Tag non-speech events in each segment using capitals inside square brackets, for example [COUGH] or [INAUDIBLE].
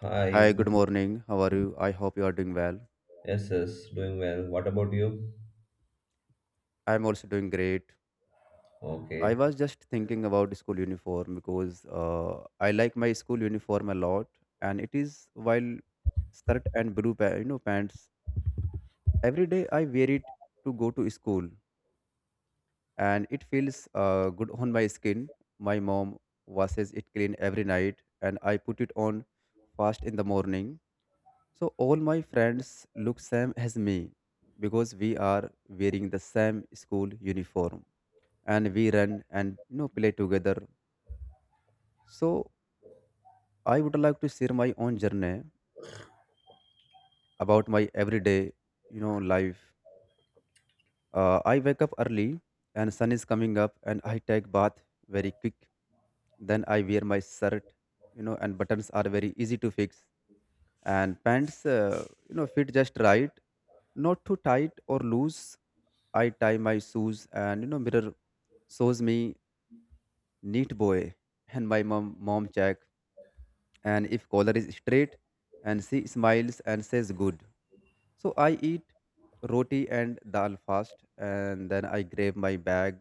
Hi, Hi, good good. morning. How are you? I hope you are doing well. Yes, yes, doing well. What about you? I'm also doing great. I Okay. was just thinking about school uniform because I like my school uniform a lot, and it is while shirt and blue pants. Every day I wear it to go to school, and it feels good on my skin. My mom washes it clean every night, and I put it on fast in the morning. So all my friends look same as me because we are wearing the same school uniform and we run and play together. So I would like to share my own journey about my everyday life. I wake up early and sun is coming up and I take bath very quick. Then I wear my shirt, and buttons are very easy to fix and pants, fit just right, not too tight or loose. I tie my shoes and mirror shows me neat boy, and my mom check, and if collar is straight and she smiles and says good. So I eat roti and dal fast and then I grab my bag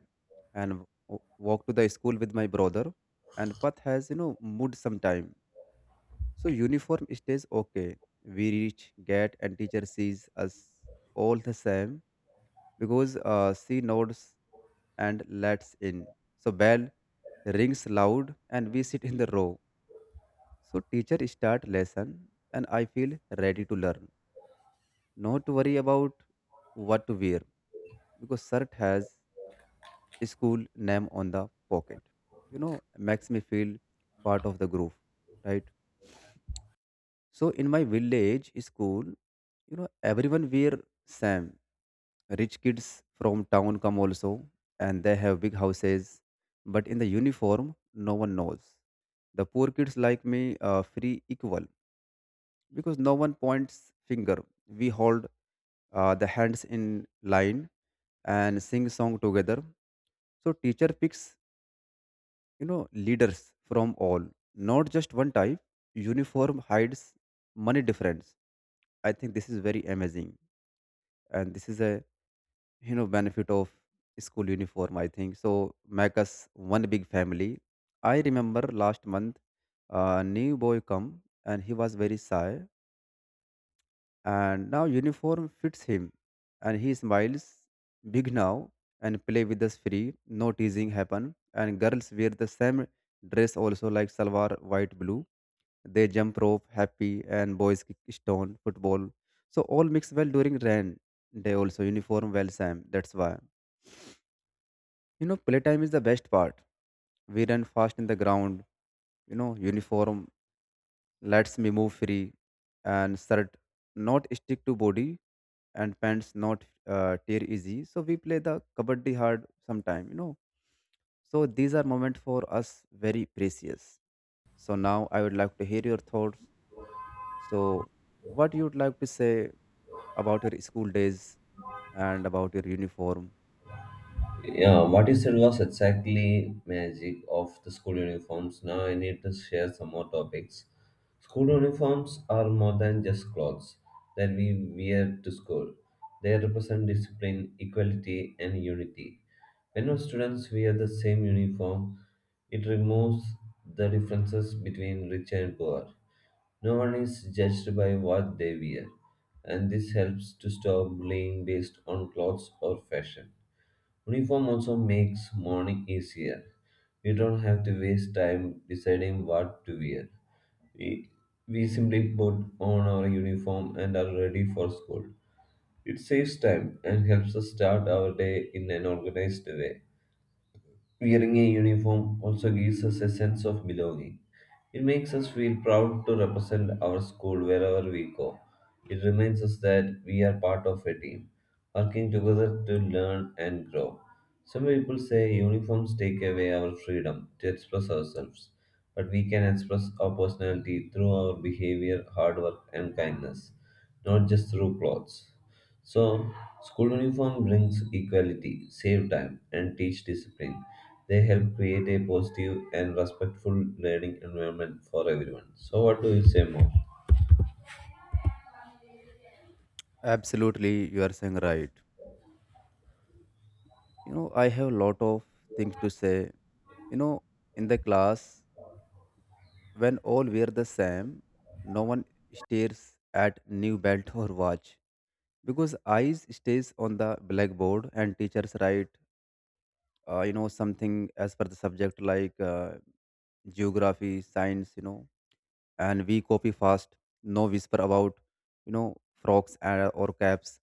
and walk to the school with my brother, and Path has mood sometime. So uniform stays okay. We reach gate and teacher sees us all the same because she nods and lets in. So bell rings loud and we sit in the row. So teacher start lesson and I feel ready to learn. Not to worry about what to wear because shirt has school name on the pocket. Makes me feel part of the group, right? So in my village school, everyone wear same. Rich kids from town come also, and they have big houses, but in the uniform, no one knows. The poor kids like me free equal because no one points finger. We hold the hands in line and sing song together. So teacher picks leaders from all, not just one type. Uniform hides money difference. I think this is very amazing, and this is a benefit of school uniform, I think so. Make us one big family. I remember last month a new boy come and he was very shy, and now uniform fits him and he smiles big now and play with us free, no teasing happen. And girls wear the same dress also like salwar, white blue. They jump rope happy and boys kick stone football, so all mix well. During rain day also uniform well same. That's why playtime is the best part. We run fast in the ground, uniform lets me move free and shirt not stick to body and pants not tear easy. So we play the kabaddi hard sometime, you know. So these are moments for us very precious. So now I would like to hear your thoughts. So what you would like to say about your school days and about your uniform? Yeah, what you said was exactly magic of the school uniforms. Now I need to share some more topics. School uniforms are more than just clothes that we wear to school. They represent discipline, equality, and unity. When our students wear the same uniform, it removes the differences between rich and poor. No one is judged by what they wear, and this helps to stop bullying based on clothes or fashion. Uniform also makes mourning easier. We don't have to waste time deciding what to wear. We, we simply put on our uniform and are ready for school. It saves time and helps us start our day in an organized way. Wearing a uniform also gives us a sense of belonging. It makes us feel proud to represent our school wherever we go. It reminds us that we are part of a team, working together to learn and grow. Some people say uniforms take away our freedom to express ourselves, but we can express our personality through our behavior, hard work, and kindness, not just through clothes. So, school uniform brings equality, save time, and teach discipline. They help create a positive and respectful learning environment for everyone. So, what do you say more? Absolutely, you are saying right. You know, I have a lot of things to say, you know in the class when all wear the same, no one stares at new belt or watch because eyes stays on the blackboard and teachers write something as per the subject, like geography, science, you know, and we copy fast, no whisper about you know frogs and, or caps.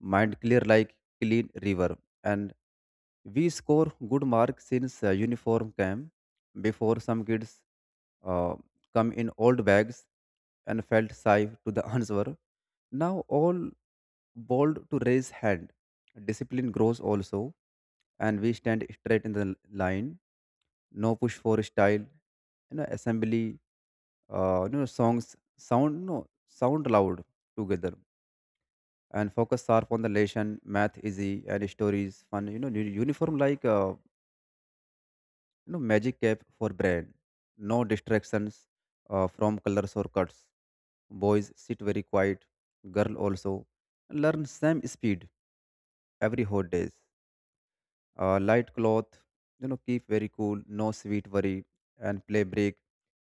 Mind clear like clean river, and we score good marks since uniform came. Before, some kids uh, come in old bags and felt shy to the [LAUGHS] answer. Now all bold to raise hand. Discipline grows also, and we stand straight in the line. No push for style. You know, assembly. Songs sound, no sound loud together, and focus sharp on the lesson. Math easy and stories fun. You know, uniform like. No magic cap for brain, no distractions from colors or cuts. Boys sit very quiet, girl also learn same speed. Every hot days light cloth, you know, keep very cool, no sweet worry, and play break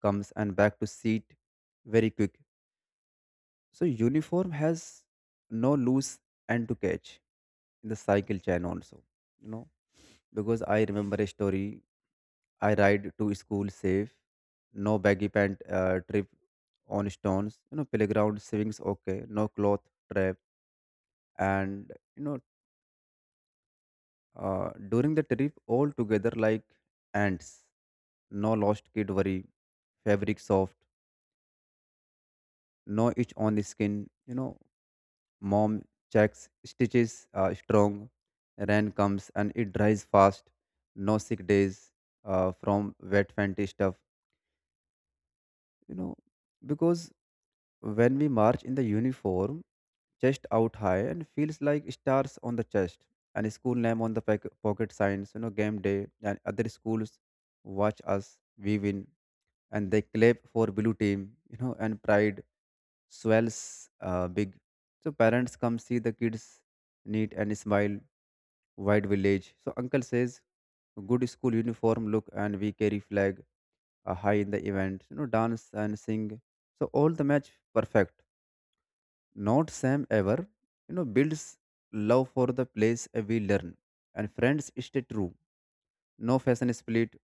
comes and back to seat very quick. So uniform has no loose end to catch in the cycle chain also, you know. Because I remember a story, I ride to school safe. No baggy pant trip on stones. You know, playground swings okay, no cloth trap. And during the trip, all together like ants. No lost kid worry. Fabric soft, no itch on the skin. You know, mom checks stitches strong. Rain comes and it dries fast. No sick days from wet fancy stuff. You know, because when we march in the uniform, chest out high and feels like stars on the chest, and school name on the pocket signs, you know, game day, and other schools watch us, we win and they clap for blue team, you know, and pride swells big. So parents come see the kids neat and smile, wide village. So uncle says, good school uniform look, and we carry flag high in the event, you know, dance and sing. So all the match perfect, not Sam ever, you know, builds love for the place we learn, and friends stay true. No fashion split.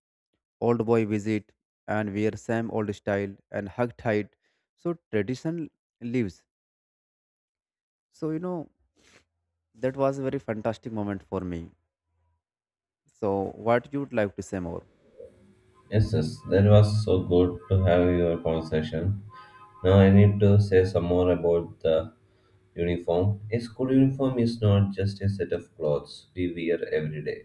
Old boy visit, and wear Sam old style and hug tight. So tradition lives. So you know that was a very fantastic moment for me. So what you would like to say more? Yes, yes, that was so good to have your conversation. Now, I need to say some more about the uniform. A school uniform is not just a set of clothes we wear every day,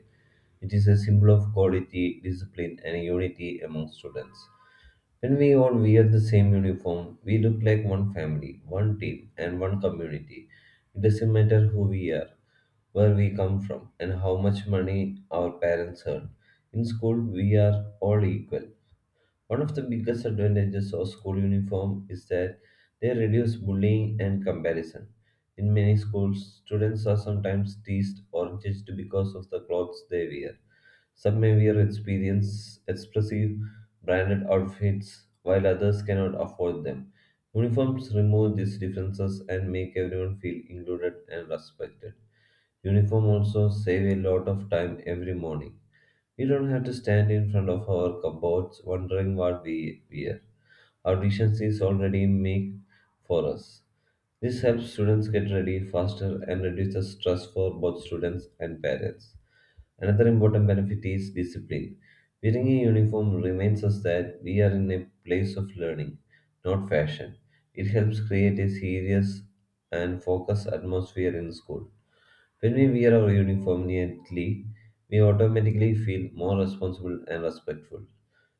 it is a symbol of quality, discipline, and unity among students. When we all wear the same uniform, we look like one family, one team, and one community. It doesn't matter who we are, where we come from, and how much money our parents earn. In school, we are all equal. One of the biggest advantages of school uniform is that they reduce bullying and comparison. In many schools, students are sometimes teased or judged because of the clothes they wear. Some may wear experience expressive branded outfits while others cannot afford them. Uniforms remove these differences and make everyone feel included and respected. Uniform also save a lot of time every morning. We don't have to stand in front of our cupboards wondering what we wear. Our decisions is already made for us. This helps students get ready faster and reduces stress for both students and parents. Another important benefit is discipline. Wearing a uniform reminds us that we are in a place of learning, not fashion. It helps create a serious and focused atmosphere in school. When we wear our uniform neatly, we automatically feel more responsible and respectful.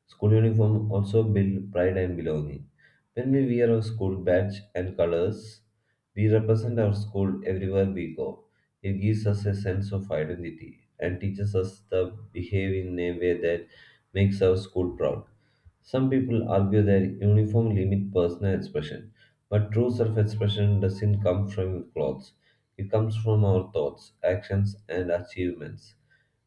School uniform also build pride and belonging. When we wear our school badge and colors, we represent our school everywhere we go. It gives us a sense of identity and teaches us to behave in a way that makes our school proud. Some people argue that uniform limit personal expression, but true self-expression doesn't come from clothes. It comes from our thoughts, actions, and achievements.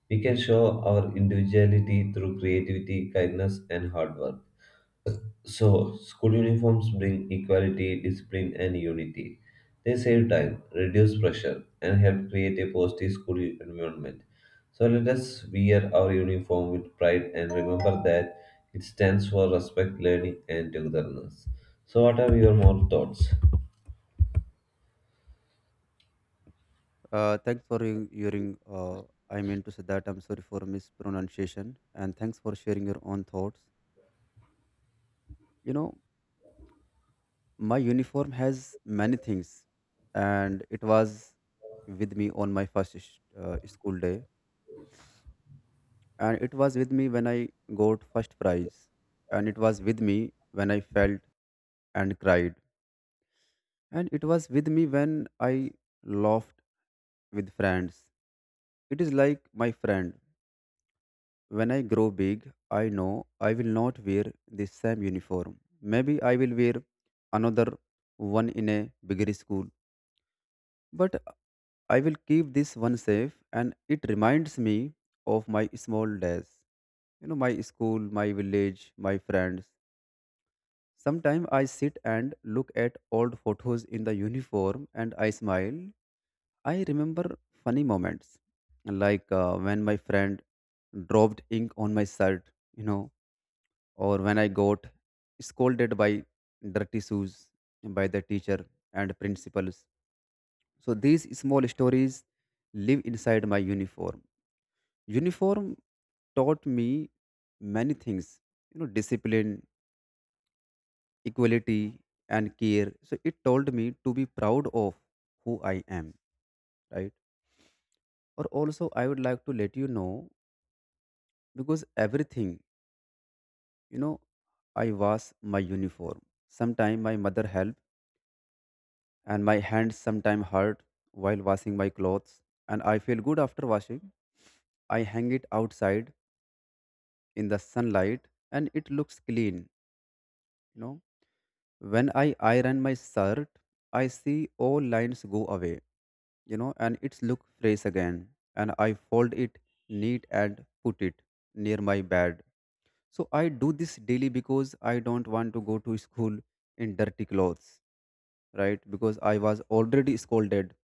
We can show our individuality through creativity, kindness, and hard work. So, school uniforms bring equality, discipline, and unity. They save time, reduce pressure, and help create a positive school environment. So, let us wear our uniform with pride and remember that it stands for respect, learning, and togetherness. So, what are your more thoughts? Thanks for hearing. I mean to say that I'm sorry for mispronunciation, and thanks for sharing your own thoughts. You know, my uniform has many things, and it was with me on my first school day, and it was with me when I got first prize, and it was with me when I felt and cried, and it was with me when I laughed with friends. It is like my friend. When I grow big, I know I will not wear the same uniform. Maybe I will wear another one in a bigger school. But I will keep this one safe, and it reminds me of my small days. You know, my school, my village, my friends. Sometimes I sit and look at old photos in the uniform and I smile. I remember funny moments, like when my friend dropped ink on my shirt, you know, or when I got scolded by dirty shoes by the teacher and principals. So these small stories live inside my uniform. Uniform taught me many things, you know, discipline, equality, and care. So it told me to be proud of who I am, right? Or also, I would like to let you know because everything, you know, I was my uniform. Sometimes my mother helped, and my hands sometimes hurt while washing my clothes, and I feel good after washing. I hang it outside in the sunlight, and it looks clean, you know. When I iron my shirt, I see all lines go away, you know, and it's look fresh again. And I fold it neat and put it near my bed. So I do this daily because I don't want to go to school in dirty clothes, right? Because I was already scolded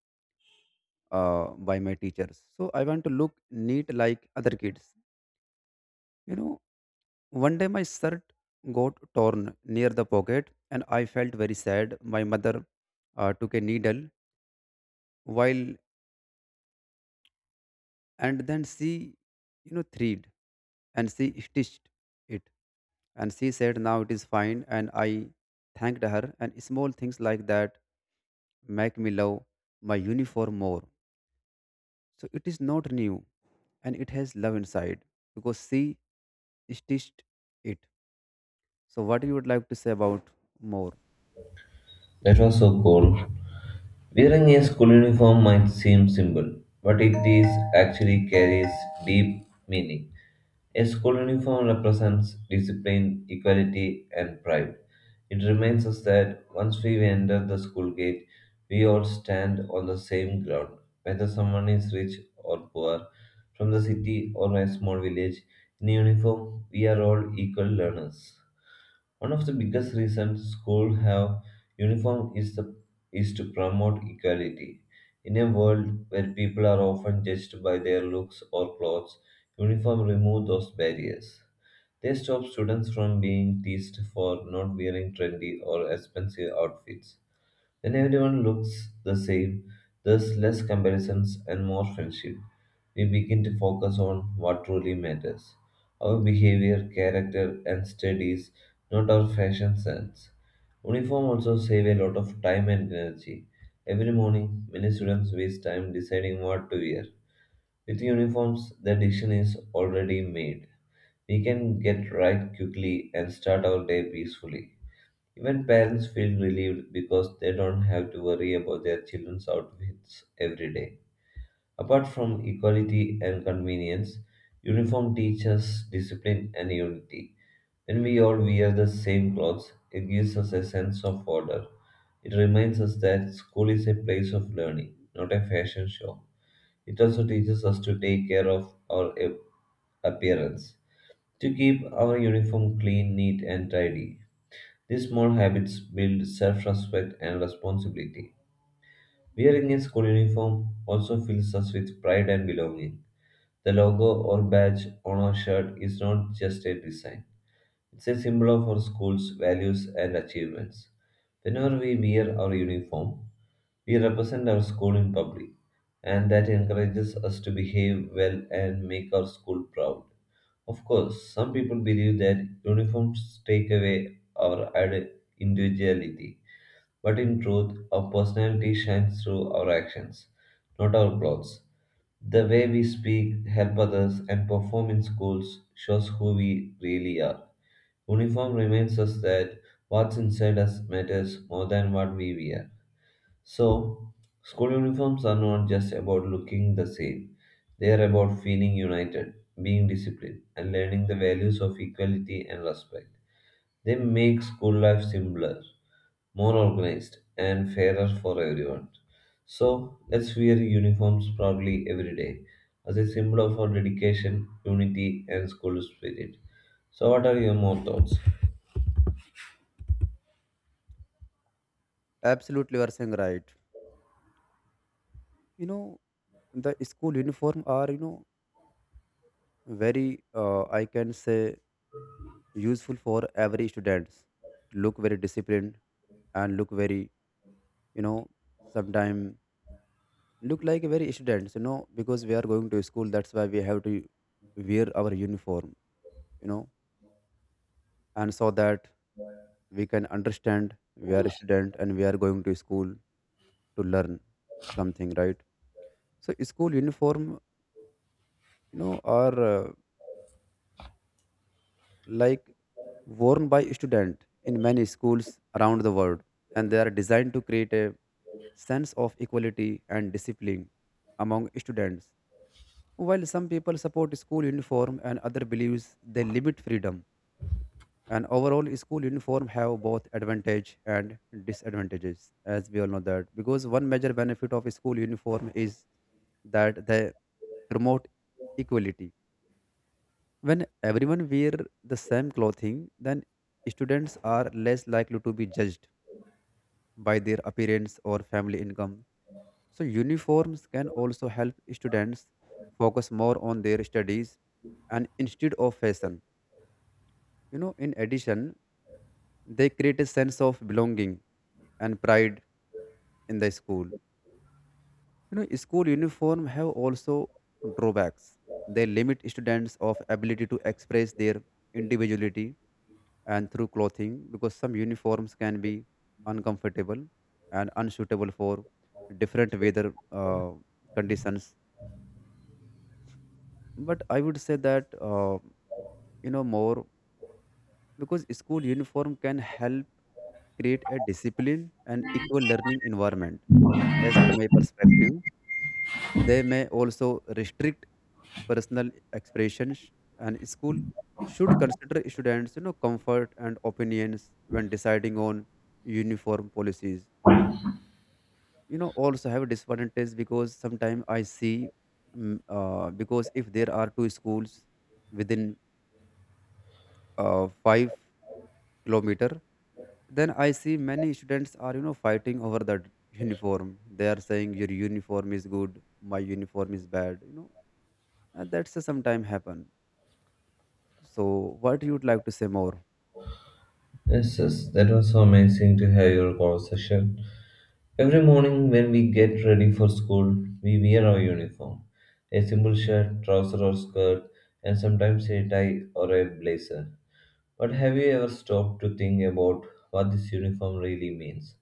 by my teachers. So I want to look neat like other kids. You know, one day my shirt got torn near the pocket and I felt very sad. My mother took a needle while, and then she thread, and she stitched it, and she said now it is fine, and I thanked her. And small things like that make me love my uniform more. So it is not new, and it has love inside because she stitched it. So what you would like to say about more? That was so cool. Wearing a school uniform might seem simple, but it is actually carries deep meaning. A school uniform represents discipline, equality, and pride. It reminds us that once we enter the school gate, we all stand on the same ground. Whether someone is rich or poor, from the city or a small village, in uniform, we are all equal learners. One of the biggest reasons schools have uniform is the is to promote equality. In a world where people are often judged by their looks or clothes, uniform remove those barriers. They stop students from being teased for not wearing trendy or expensive outfits. When everyone looks the same, there's less comparisons and more friendship. We begin to focus on what truly matters our behavior, character, and studies, not our fashion sense. Uniform also save a lot of time and energy. Every morning, many students waste time deciding what to wear. With uniforms, the decision is already made. We can get right quickly and start our day peacefully. Even parents feel relieved because they don't have to worry about their children's outfits every day. Apart from equality and convenience, uniform teaches discipline and unity. When we all wear the same clothes, it gives us a sense of order. It reminds us that school is a place of learning, not a fashion show. It also teaches us to take care of our appearance, to keep our uniform clean, neat, and tidy. These small habits build self respect and responsibility. Wearing a school uniform also fills us with pride and belonging. The logo or badge on our shirt is not just a design, it's a symbol of our school's values and achievements. Whenever we wear our uniform, we represent our school in public, and that encourages us to behave well and make our school proud. Of course, some people believe that uniforms take away our ide- individuality, but in truth, our personality shines through our actions, not our clothes. The way we speak, help others, and perform in schools shows who we really are. Uniform reminds us that what's inside us matters more than what we wear. So, school uniforms are not just about looking the same, they are about feeling united, being disciplined, and learning the values of equality and respect. They make school life simpler, more organized, and fairer for everyone. So let's wear uniforms proudly every day as a symbol of our dedication, unity, and school spirit. So, what are your more thoughts? Absolutely, you are saying right. You know, the school uniform are, you know, very I can say useful for every students, look very disciplined, and look very, you know, sometime look like a very students, you know. Because we are going to school, that's why we have to wear our uniform, you know, and so that we can understand we are a student and we are going to school to learn something, right? So school uniform, you know, are like worn by student in many schools around the world, and they are designed to create a sense of equality and discipline among students. While some people support school uniform and other believes they limit freedom, and overall school uniform have both advantage and disadvantages, as we all know that. Because one major benefit of school uniform is that they promote equality. When everyone wear the same clothing, then students are less likely to be judged by their appearance or family income. So, uniforms can also help students focus more on their studies and instead of fashion. In addition, they create a sense of belonging and pride in the school. School uniform have also drawbacks. They limit students of ability to express their individuality and through clothing because some uniforms can be uncomfortable and unsuitable for different weather conditions, but I would say that more because school uniform can help create a discipline and equal learning environment. As per my perspective, they may also restrict personal expressions, and school should consider students comfort and opinions when deciding on uniform policies. Also have a disadvantage because sometimes I see because if there are two schools within 5 km, then I see many students are fighting over the uniform. They are saying your uniform is good, my uniform is bad, and that's sometimes happen. So what you would like to say more? Yes, yes, that was so amazing to have your conversation. Every morning when we get ready for school, we wear our uniform a simple shirt, trouser, or skirt, and sometimes a tie or a blazer. But have you ever stopped to think about what this uniform really means?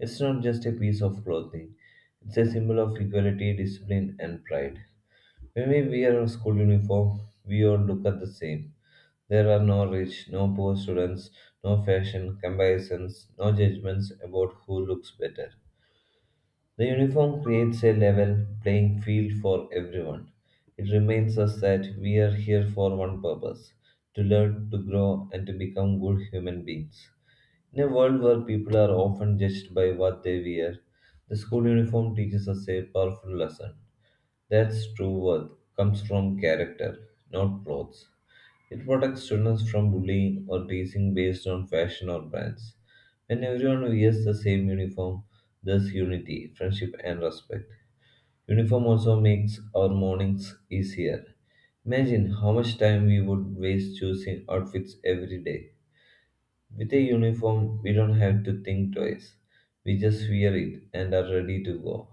It's not just a piece of clothing, it's a symbol of equality, discipline, and pride. When we wear a school uniform, we all look at the same. There are no rich, no poor students, no fashion comparisons, no judgments about who looks better. The uniform creates a level playing field for everyone. It reminds us that we are here for one purpose to learn, to grow, and to become good human beings. In a world where people are often judged by what they wear, the school uniform teaches us a powerful lesson. That's true worth comes from character, not clothes. It protects students from bullying or teasing based on fashion or brands. When everyone wears the same uniform, there's unity, friendship, and respect. Uniform also makes our mornings easier. Imagine how much time we would waste choosing outfits every day. With a uniform, we don't have to think twice. We just wear it and are ready to go.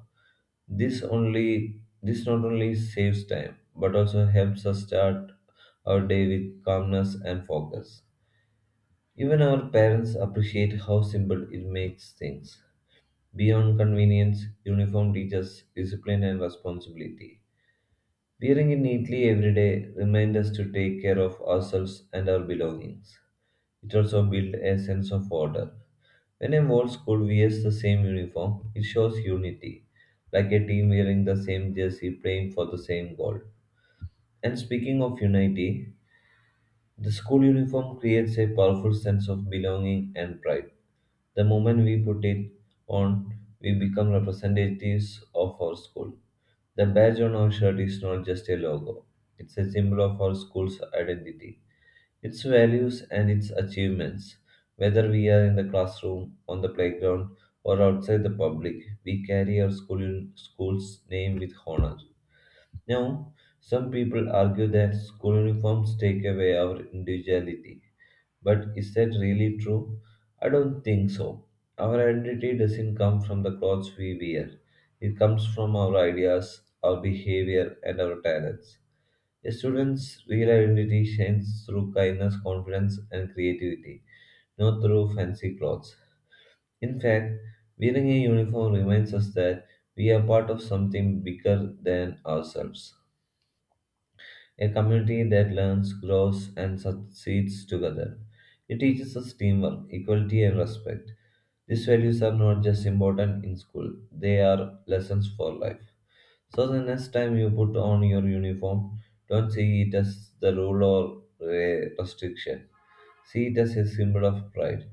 This not only saves time but also helps us start our day with calmness and focus. Even our parents appreciate how simple it makes things. Beyond convenience, uniform teaches discipline and responsibility. Wearing it neatly every day reminds us to take care of ourselves and our belongings. It also builds a sense of order. When a whole school wears the same uniform, it shows unity, like a team wearing the same jersey playing for the same goal. And speaking of unity, the school uniform creates a powerful sense of belonging and pride. The moment we put it on, we become representatives of our school. The badge on our shirt is not just a logo, it's a symbol of our school's identity its values and its achievements. Whether we are in the classroom, on the playground, or outside the public, we carry our school's name with honor. Now, some people argue that school uniforms take away our individuality, but is that really true? I don't think so. Our identity doesn't come from the clothes we wear. It comes from our ideas, our behavior, and our talents. A student's real identity shines through kindness, confidence, and creativity, not through fancy clothes. In fact, wearing a uniform reminds us that we are part of something bigger than ourselves, a community that learns, grows, and succeeds together. It teaches us teamwork, equality, and respect. These values are not just important in school, they are lessons for life. So the next time you put on your uniform, don't see it as the rule or a restriction. See it as a symbol of pride.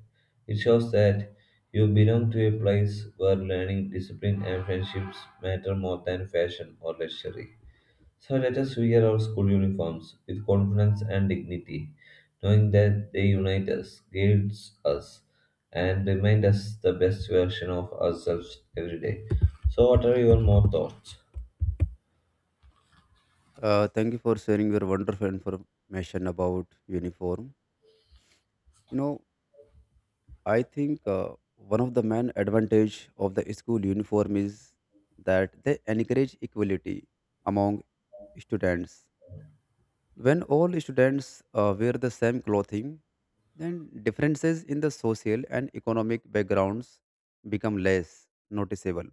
It shows that you belong to a place where learning, discipline, and friendships matter more than fashion or luxury. So let us wear our school uniforms with confidence and dignity, knowing that they unite us, guides us, and remind us the best version of ourselves every day. So, what are your more thoughts? Thank you for sharing your wonderful information about uniform. you know I think one of the main advantage of the school uniform is that they encourage equality among students. When all students wear the same clothing, then differences in the social and economic backgrounds become less noticeable.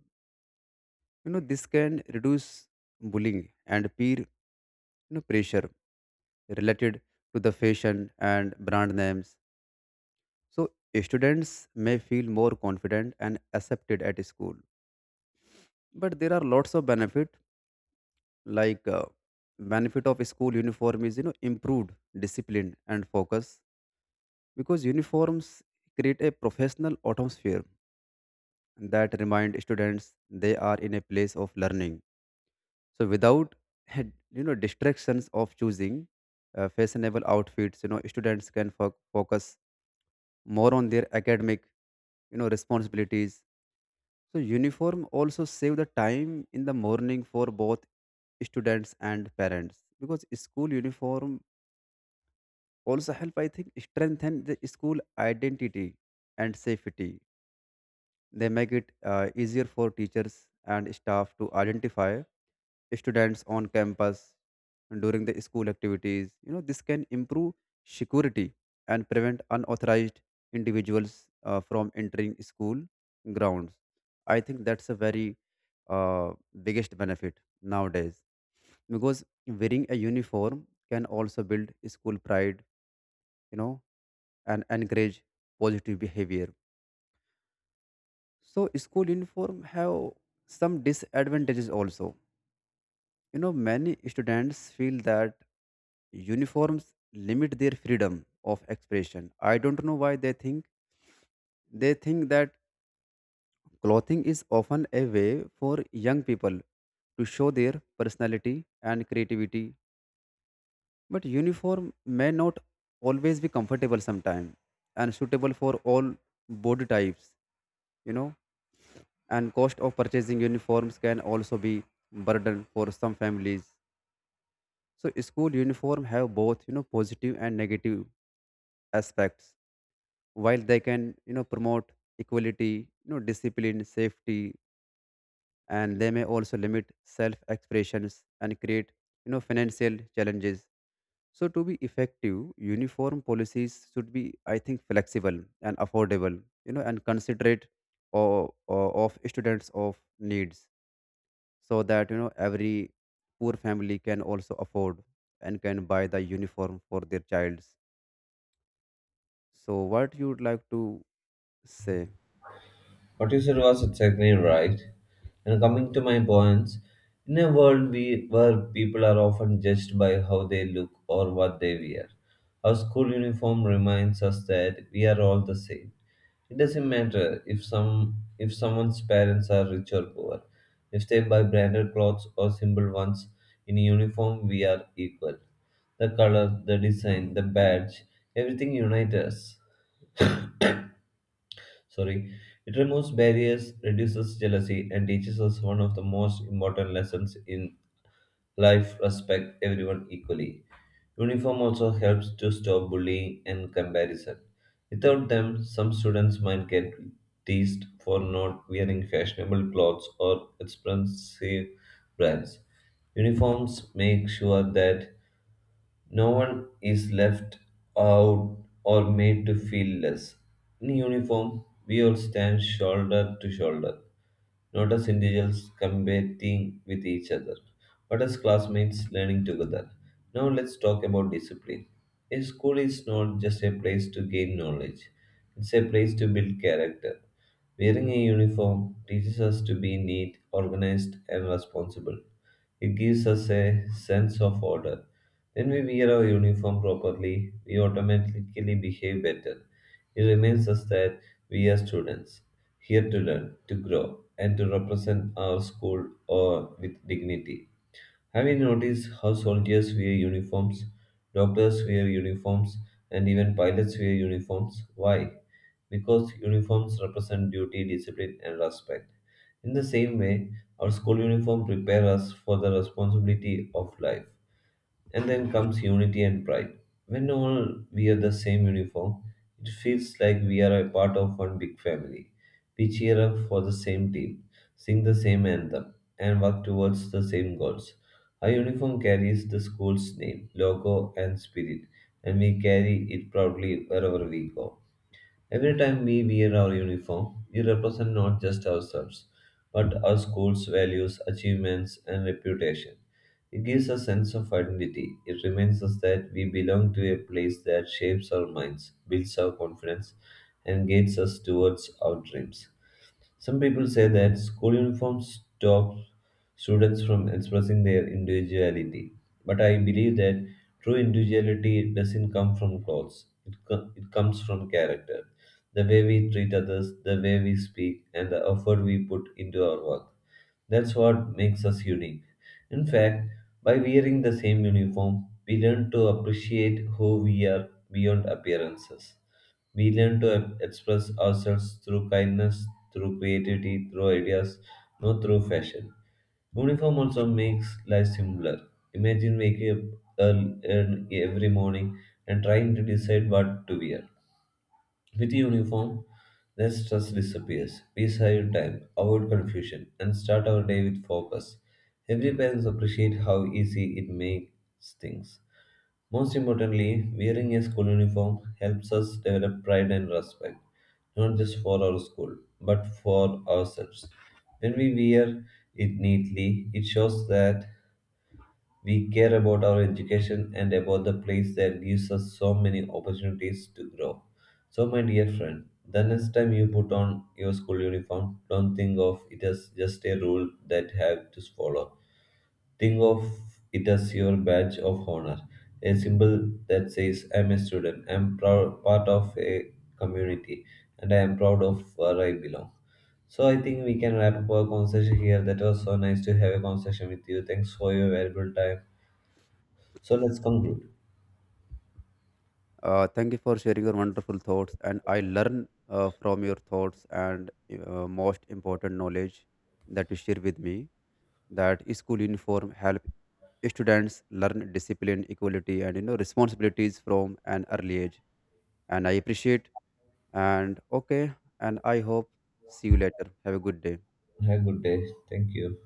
This can reduce bullying and peer pressure related to the fashion and brand names. So students may feel more confident and accepted at school. But there are lots of benefit, like uh, benefit of school uniform is improved discipline and focus because uniforms create a professional atmosphere that remind students they are in a place of learning. So without [LAUGHS] had- distractions of choosing fashionable outfits, students can focus more on their academic responsibilities. So uniform also save the time in the morning for both students and parents because school uniform also help, I think, strengthen the school identity and safety. They make it easier for teachers and staff to identify students on campus during the school activities. This can improve security and prevent unauthorized individuals from entering school grounds. I think that's a very uh, biggest benefit nowadays because wearing a uniform can also build school pride, you know, and encourage positive behavior. So school uniform have some disadvantages also. Many students feel that uniforms limit their freedom of expression. I don't know why they think that clothing is often a way for young people to show their personality and creativity. But uniform may not always be comfortable sometimes and suitable for all body types, you know and cost of purchasing uniforms can also be burden for some families. So school uniform have both, positive and negative aspects. While they can, promote equality, discipline, safety, and they may also limit self expressions and create financial challenges. So to be effective, uniform policies should be, I think, flexible and affordable, and considerate of students of needs, so that every poor family can also afford and can buy the uniform for their childs. So what you would like to say? What you said was exactly right. And coming to my points, in a world where people are often judged by how they look or what they wear, our school uniform reminds us that we are all the same. It doesn't matter if someone's parents are rich or poor, if they buy branded clothes or simple ones. In uniform, we are equal. The color, the design, the badge, everything unites us, sorry, it removes barriers, reduces jealousy, and teaches us one of the most important lessons in life: respect everyone equally. Uniform also helps to stop bullying and comparison. Without them, some students might get teased for not wearing fashionable clothes or expensive brands. Uniforms make sure that no one is left out or made to feel less. In uniform, we all stand shoulder to shoulder, not as individuals competing with each other, but as classmates learning together. Now let's talk about discipline. A school is not just a place to gain knowledge, it's a place to build character. Wearing a uniform teaches us to be neat, organized, and responsible. It gives us a sense of order. When we wear our uniform properly, we automatically behave better. It reminds us that we are students, here to learn, to grow, and to represent our school or with dignity. Have you noticed how soldiers wear uniforms, doctors wear uniforms, and even pilots wear uniforms? Why? Because uniforms represent duty, discipline, and respect. In the same way, our school uniform prepares us for the responsibility of life. And then comes unity and pride. When all wear the same uniform, it feels like we are a part of one big family. We cheer up for the same team, sing the same anthem, and work towards the same goals. Our uniform carries the school's name, logo, and spirit, and we carry it proudly wherever we go. Every time we wear our uniform, we represent not just ourselves, but our school's values, achievements, and reputation. It gives a sense of identity. It reminds us that we belong to a place that shapes our minds, builds our confidence, and guides us towards our dreams. Some people say that school uniforms stop students from expressing their individuality, but I believe that true individuality doesn't come from clothes, it comes from character. The way we treat others, the way we speak, and the effort we put into our work. That's what makes us unique. In fact, by wearing the same uniform, we learn to appreciate who we are beyond appearances. We learn to express ourselves through kindness, through creativity, through ideas, not through fashion. Uniform also makes life simpler. Imagine waking up early every morning and trying to decide what to wear. With uniform, the stress disappears. We save time, avoid confusion, and start our day with focus. Every parents appreciate how easy it makes things. Most importantly, wearing a school uniform helps us develop pride and respect, not just for our school, but for ourselves. When we wear it neatly, it shows that we care about our education and about the place that gives us so many opportunities to grow. So, my dear friend, the next time you put on your school uniform, don't think of it as just a rule that have to follow. Think of it as your badge of honor, a symbol that says, I'm a student, I'm proud, part of a community, and I am proud of where I belong. So I think we can wrap up our conversation here. That was so nice to have a conversation with you. Thanks for your valuable time. So let's conclude. Thank you for sharing your wonderful thoughts, and I learn from your thoughts and most important knowledge that you share with me, that school uniform help students learn discipline, equality, and responsibilities from an early age. And I appreciate. And okay. And I hope see you later. Have a good day. Have a good day. Thank you.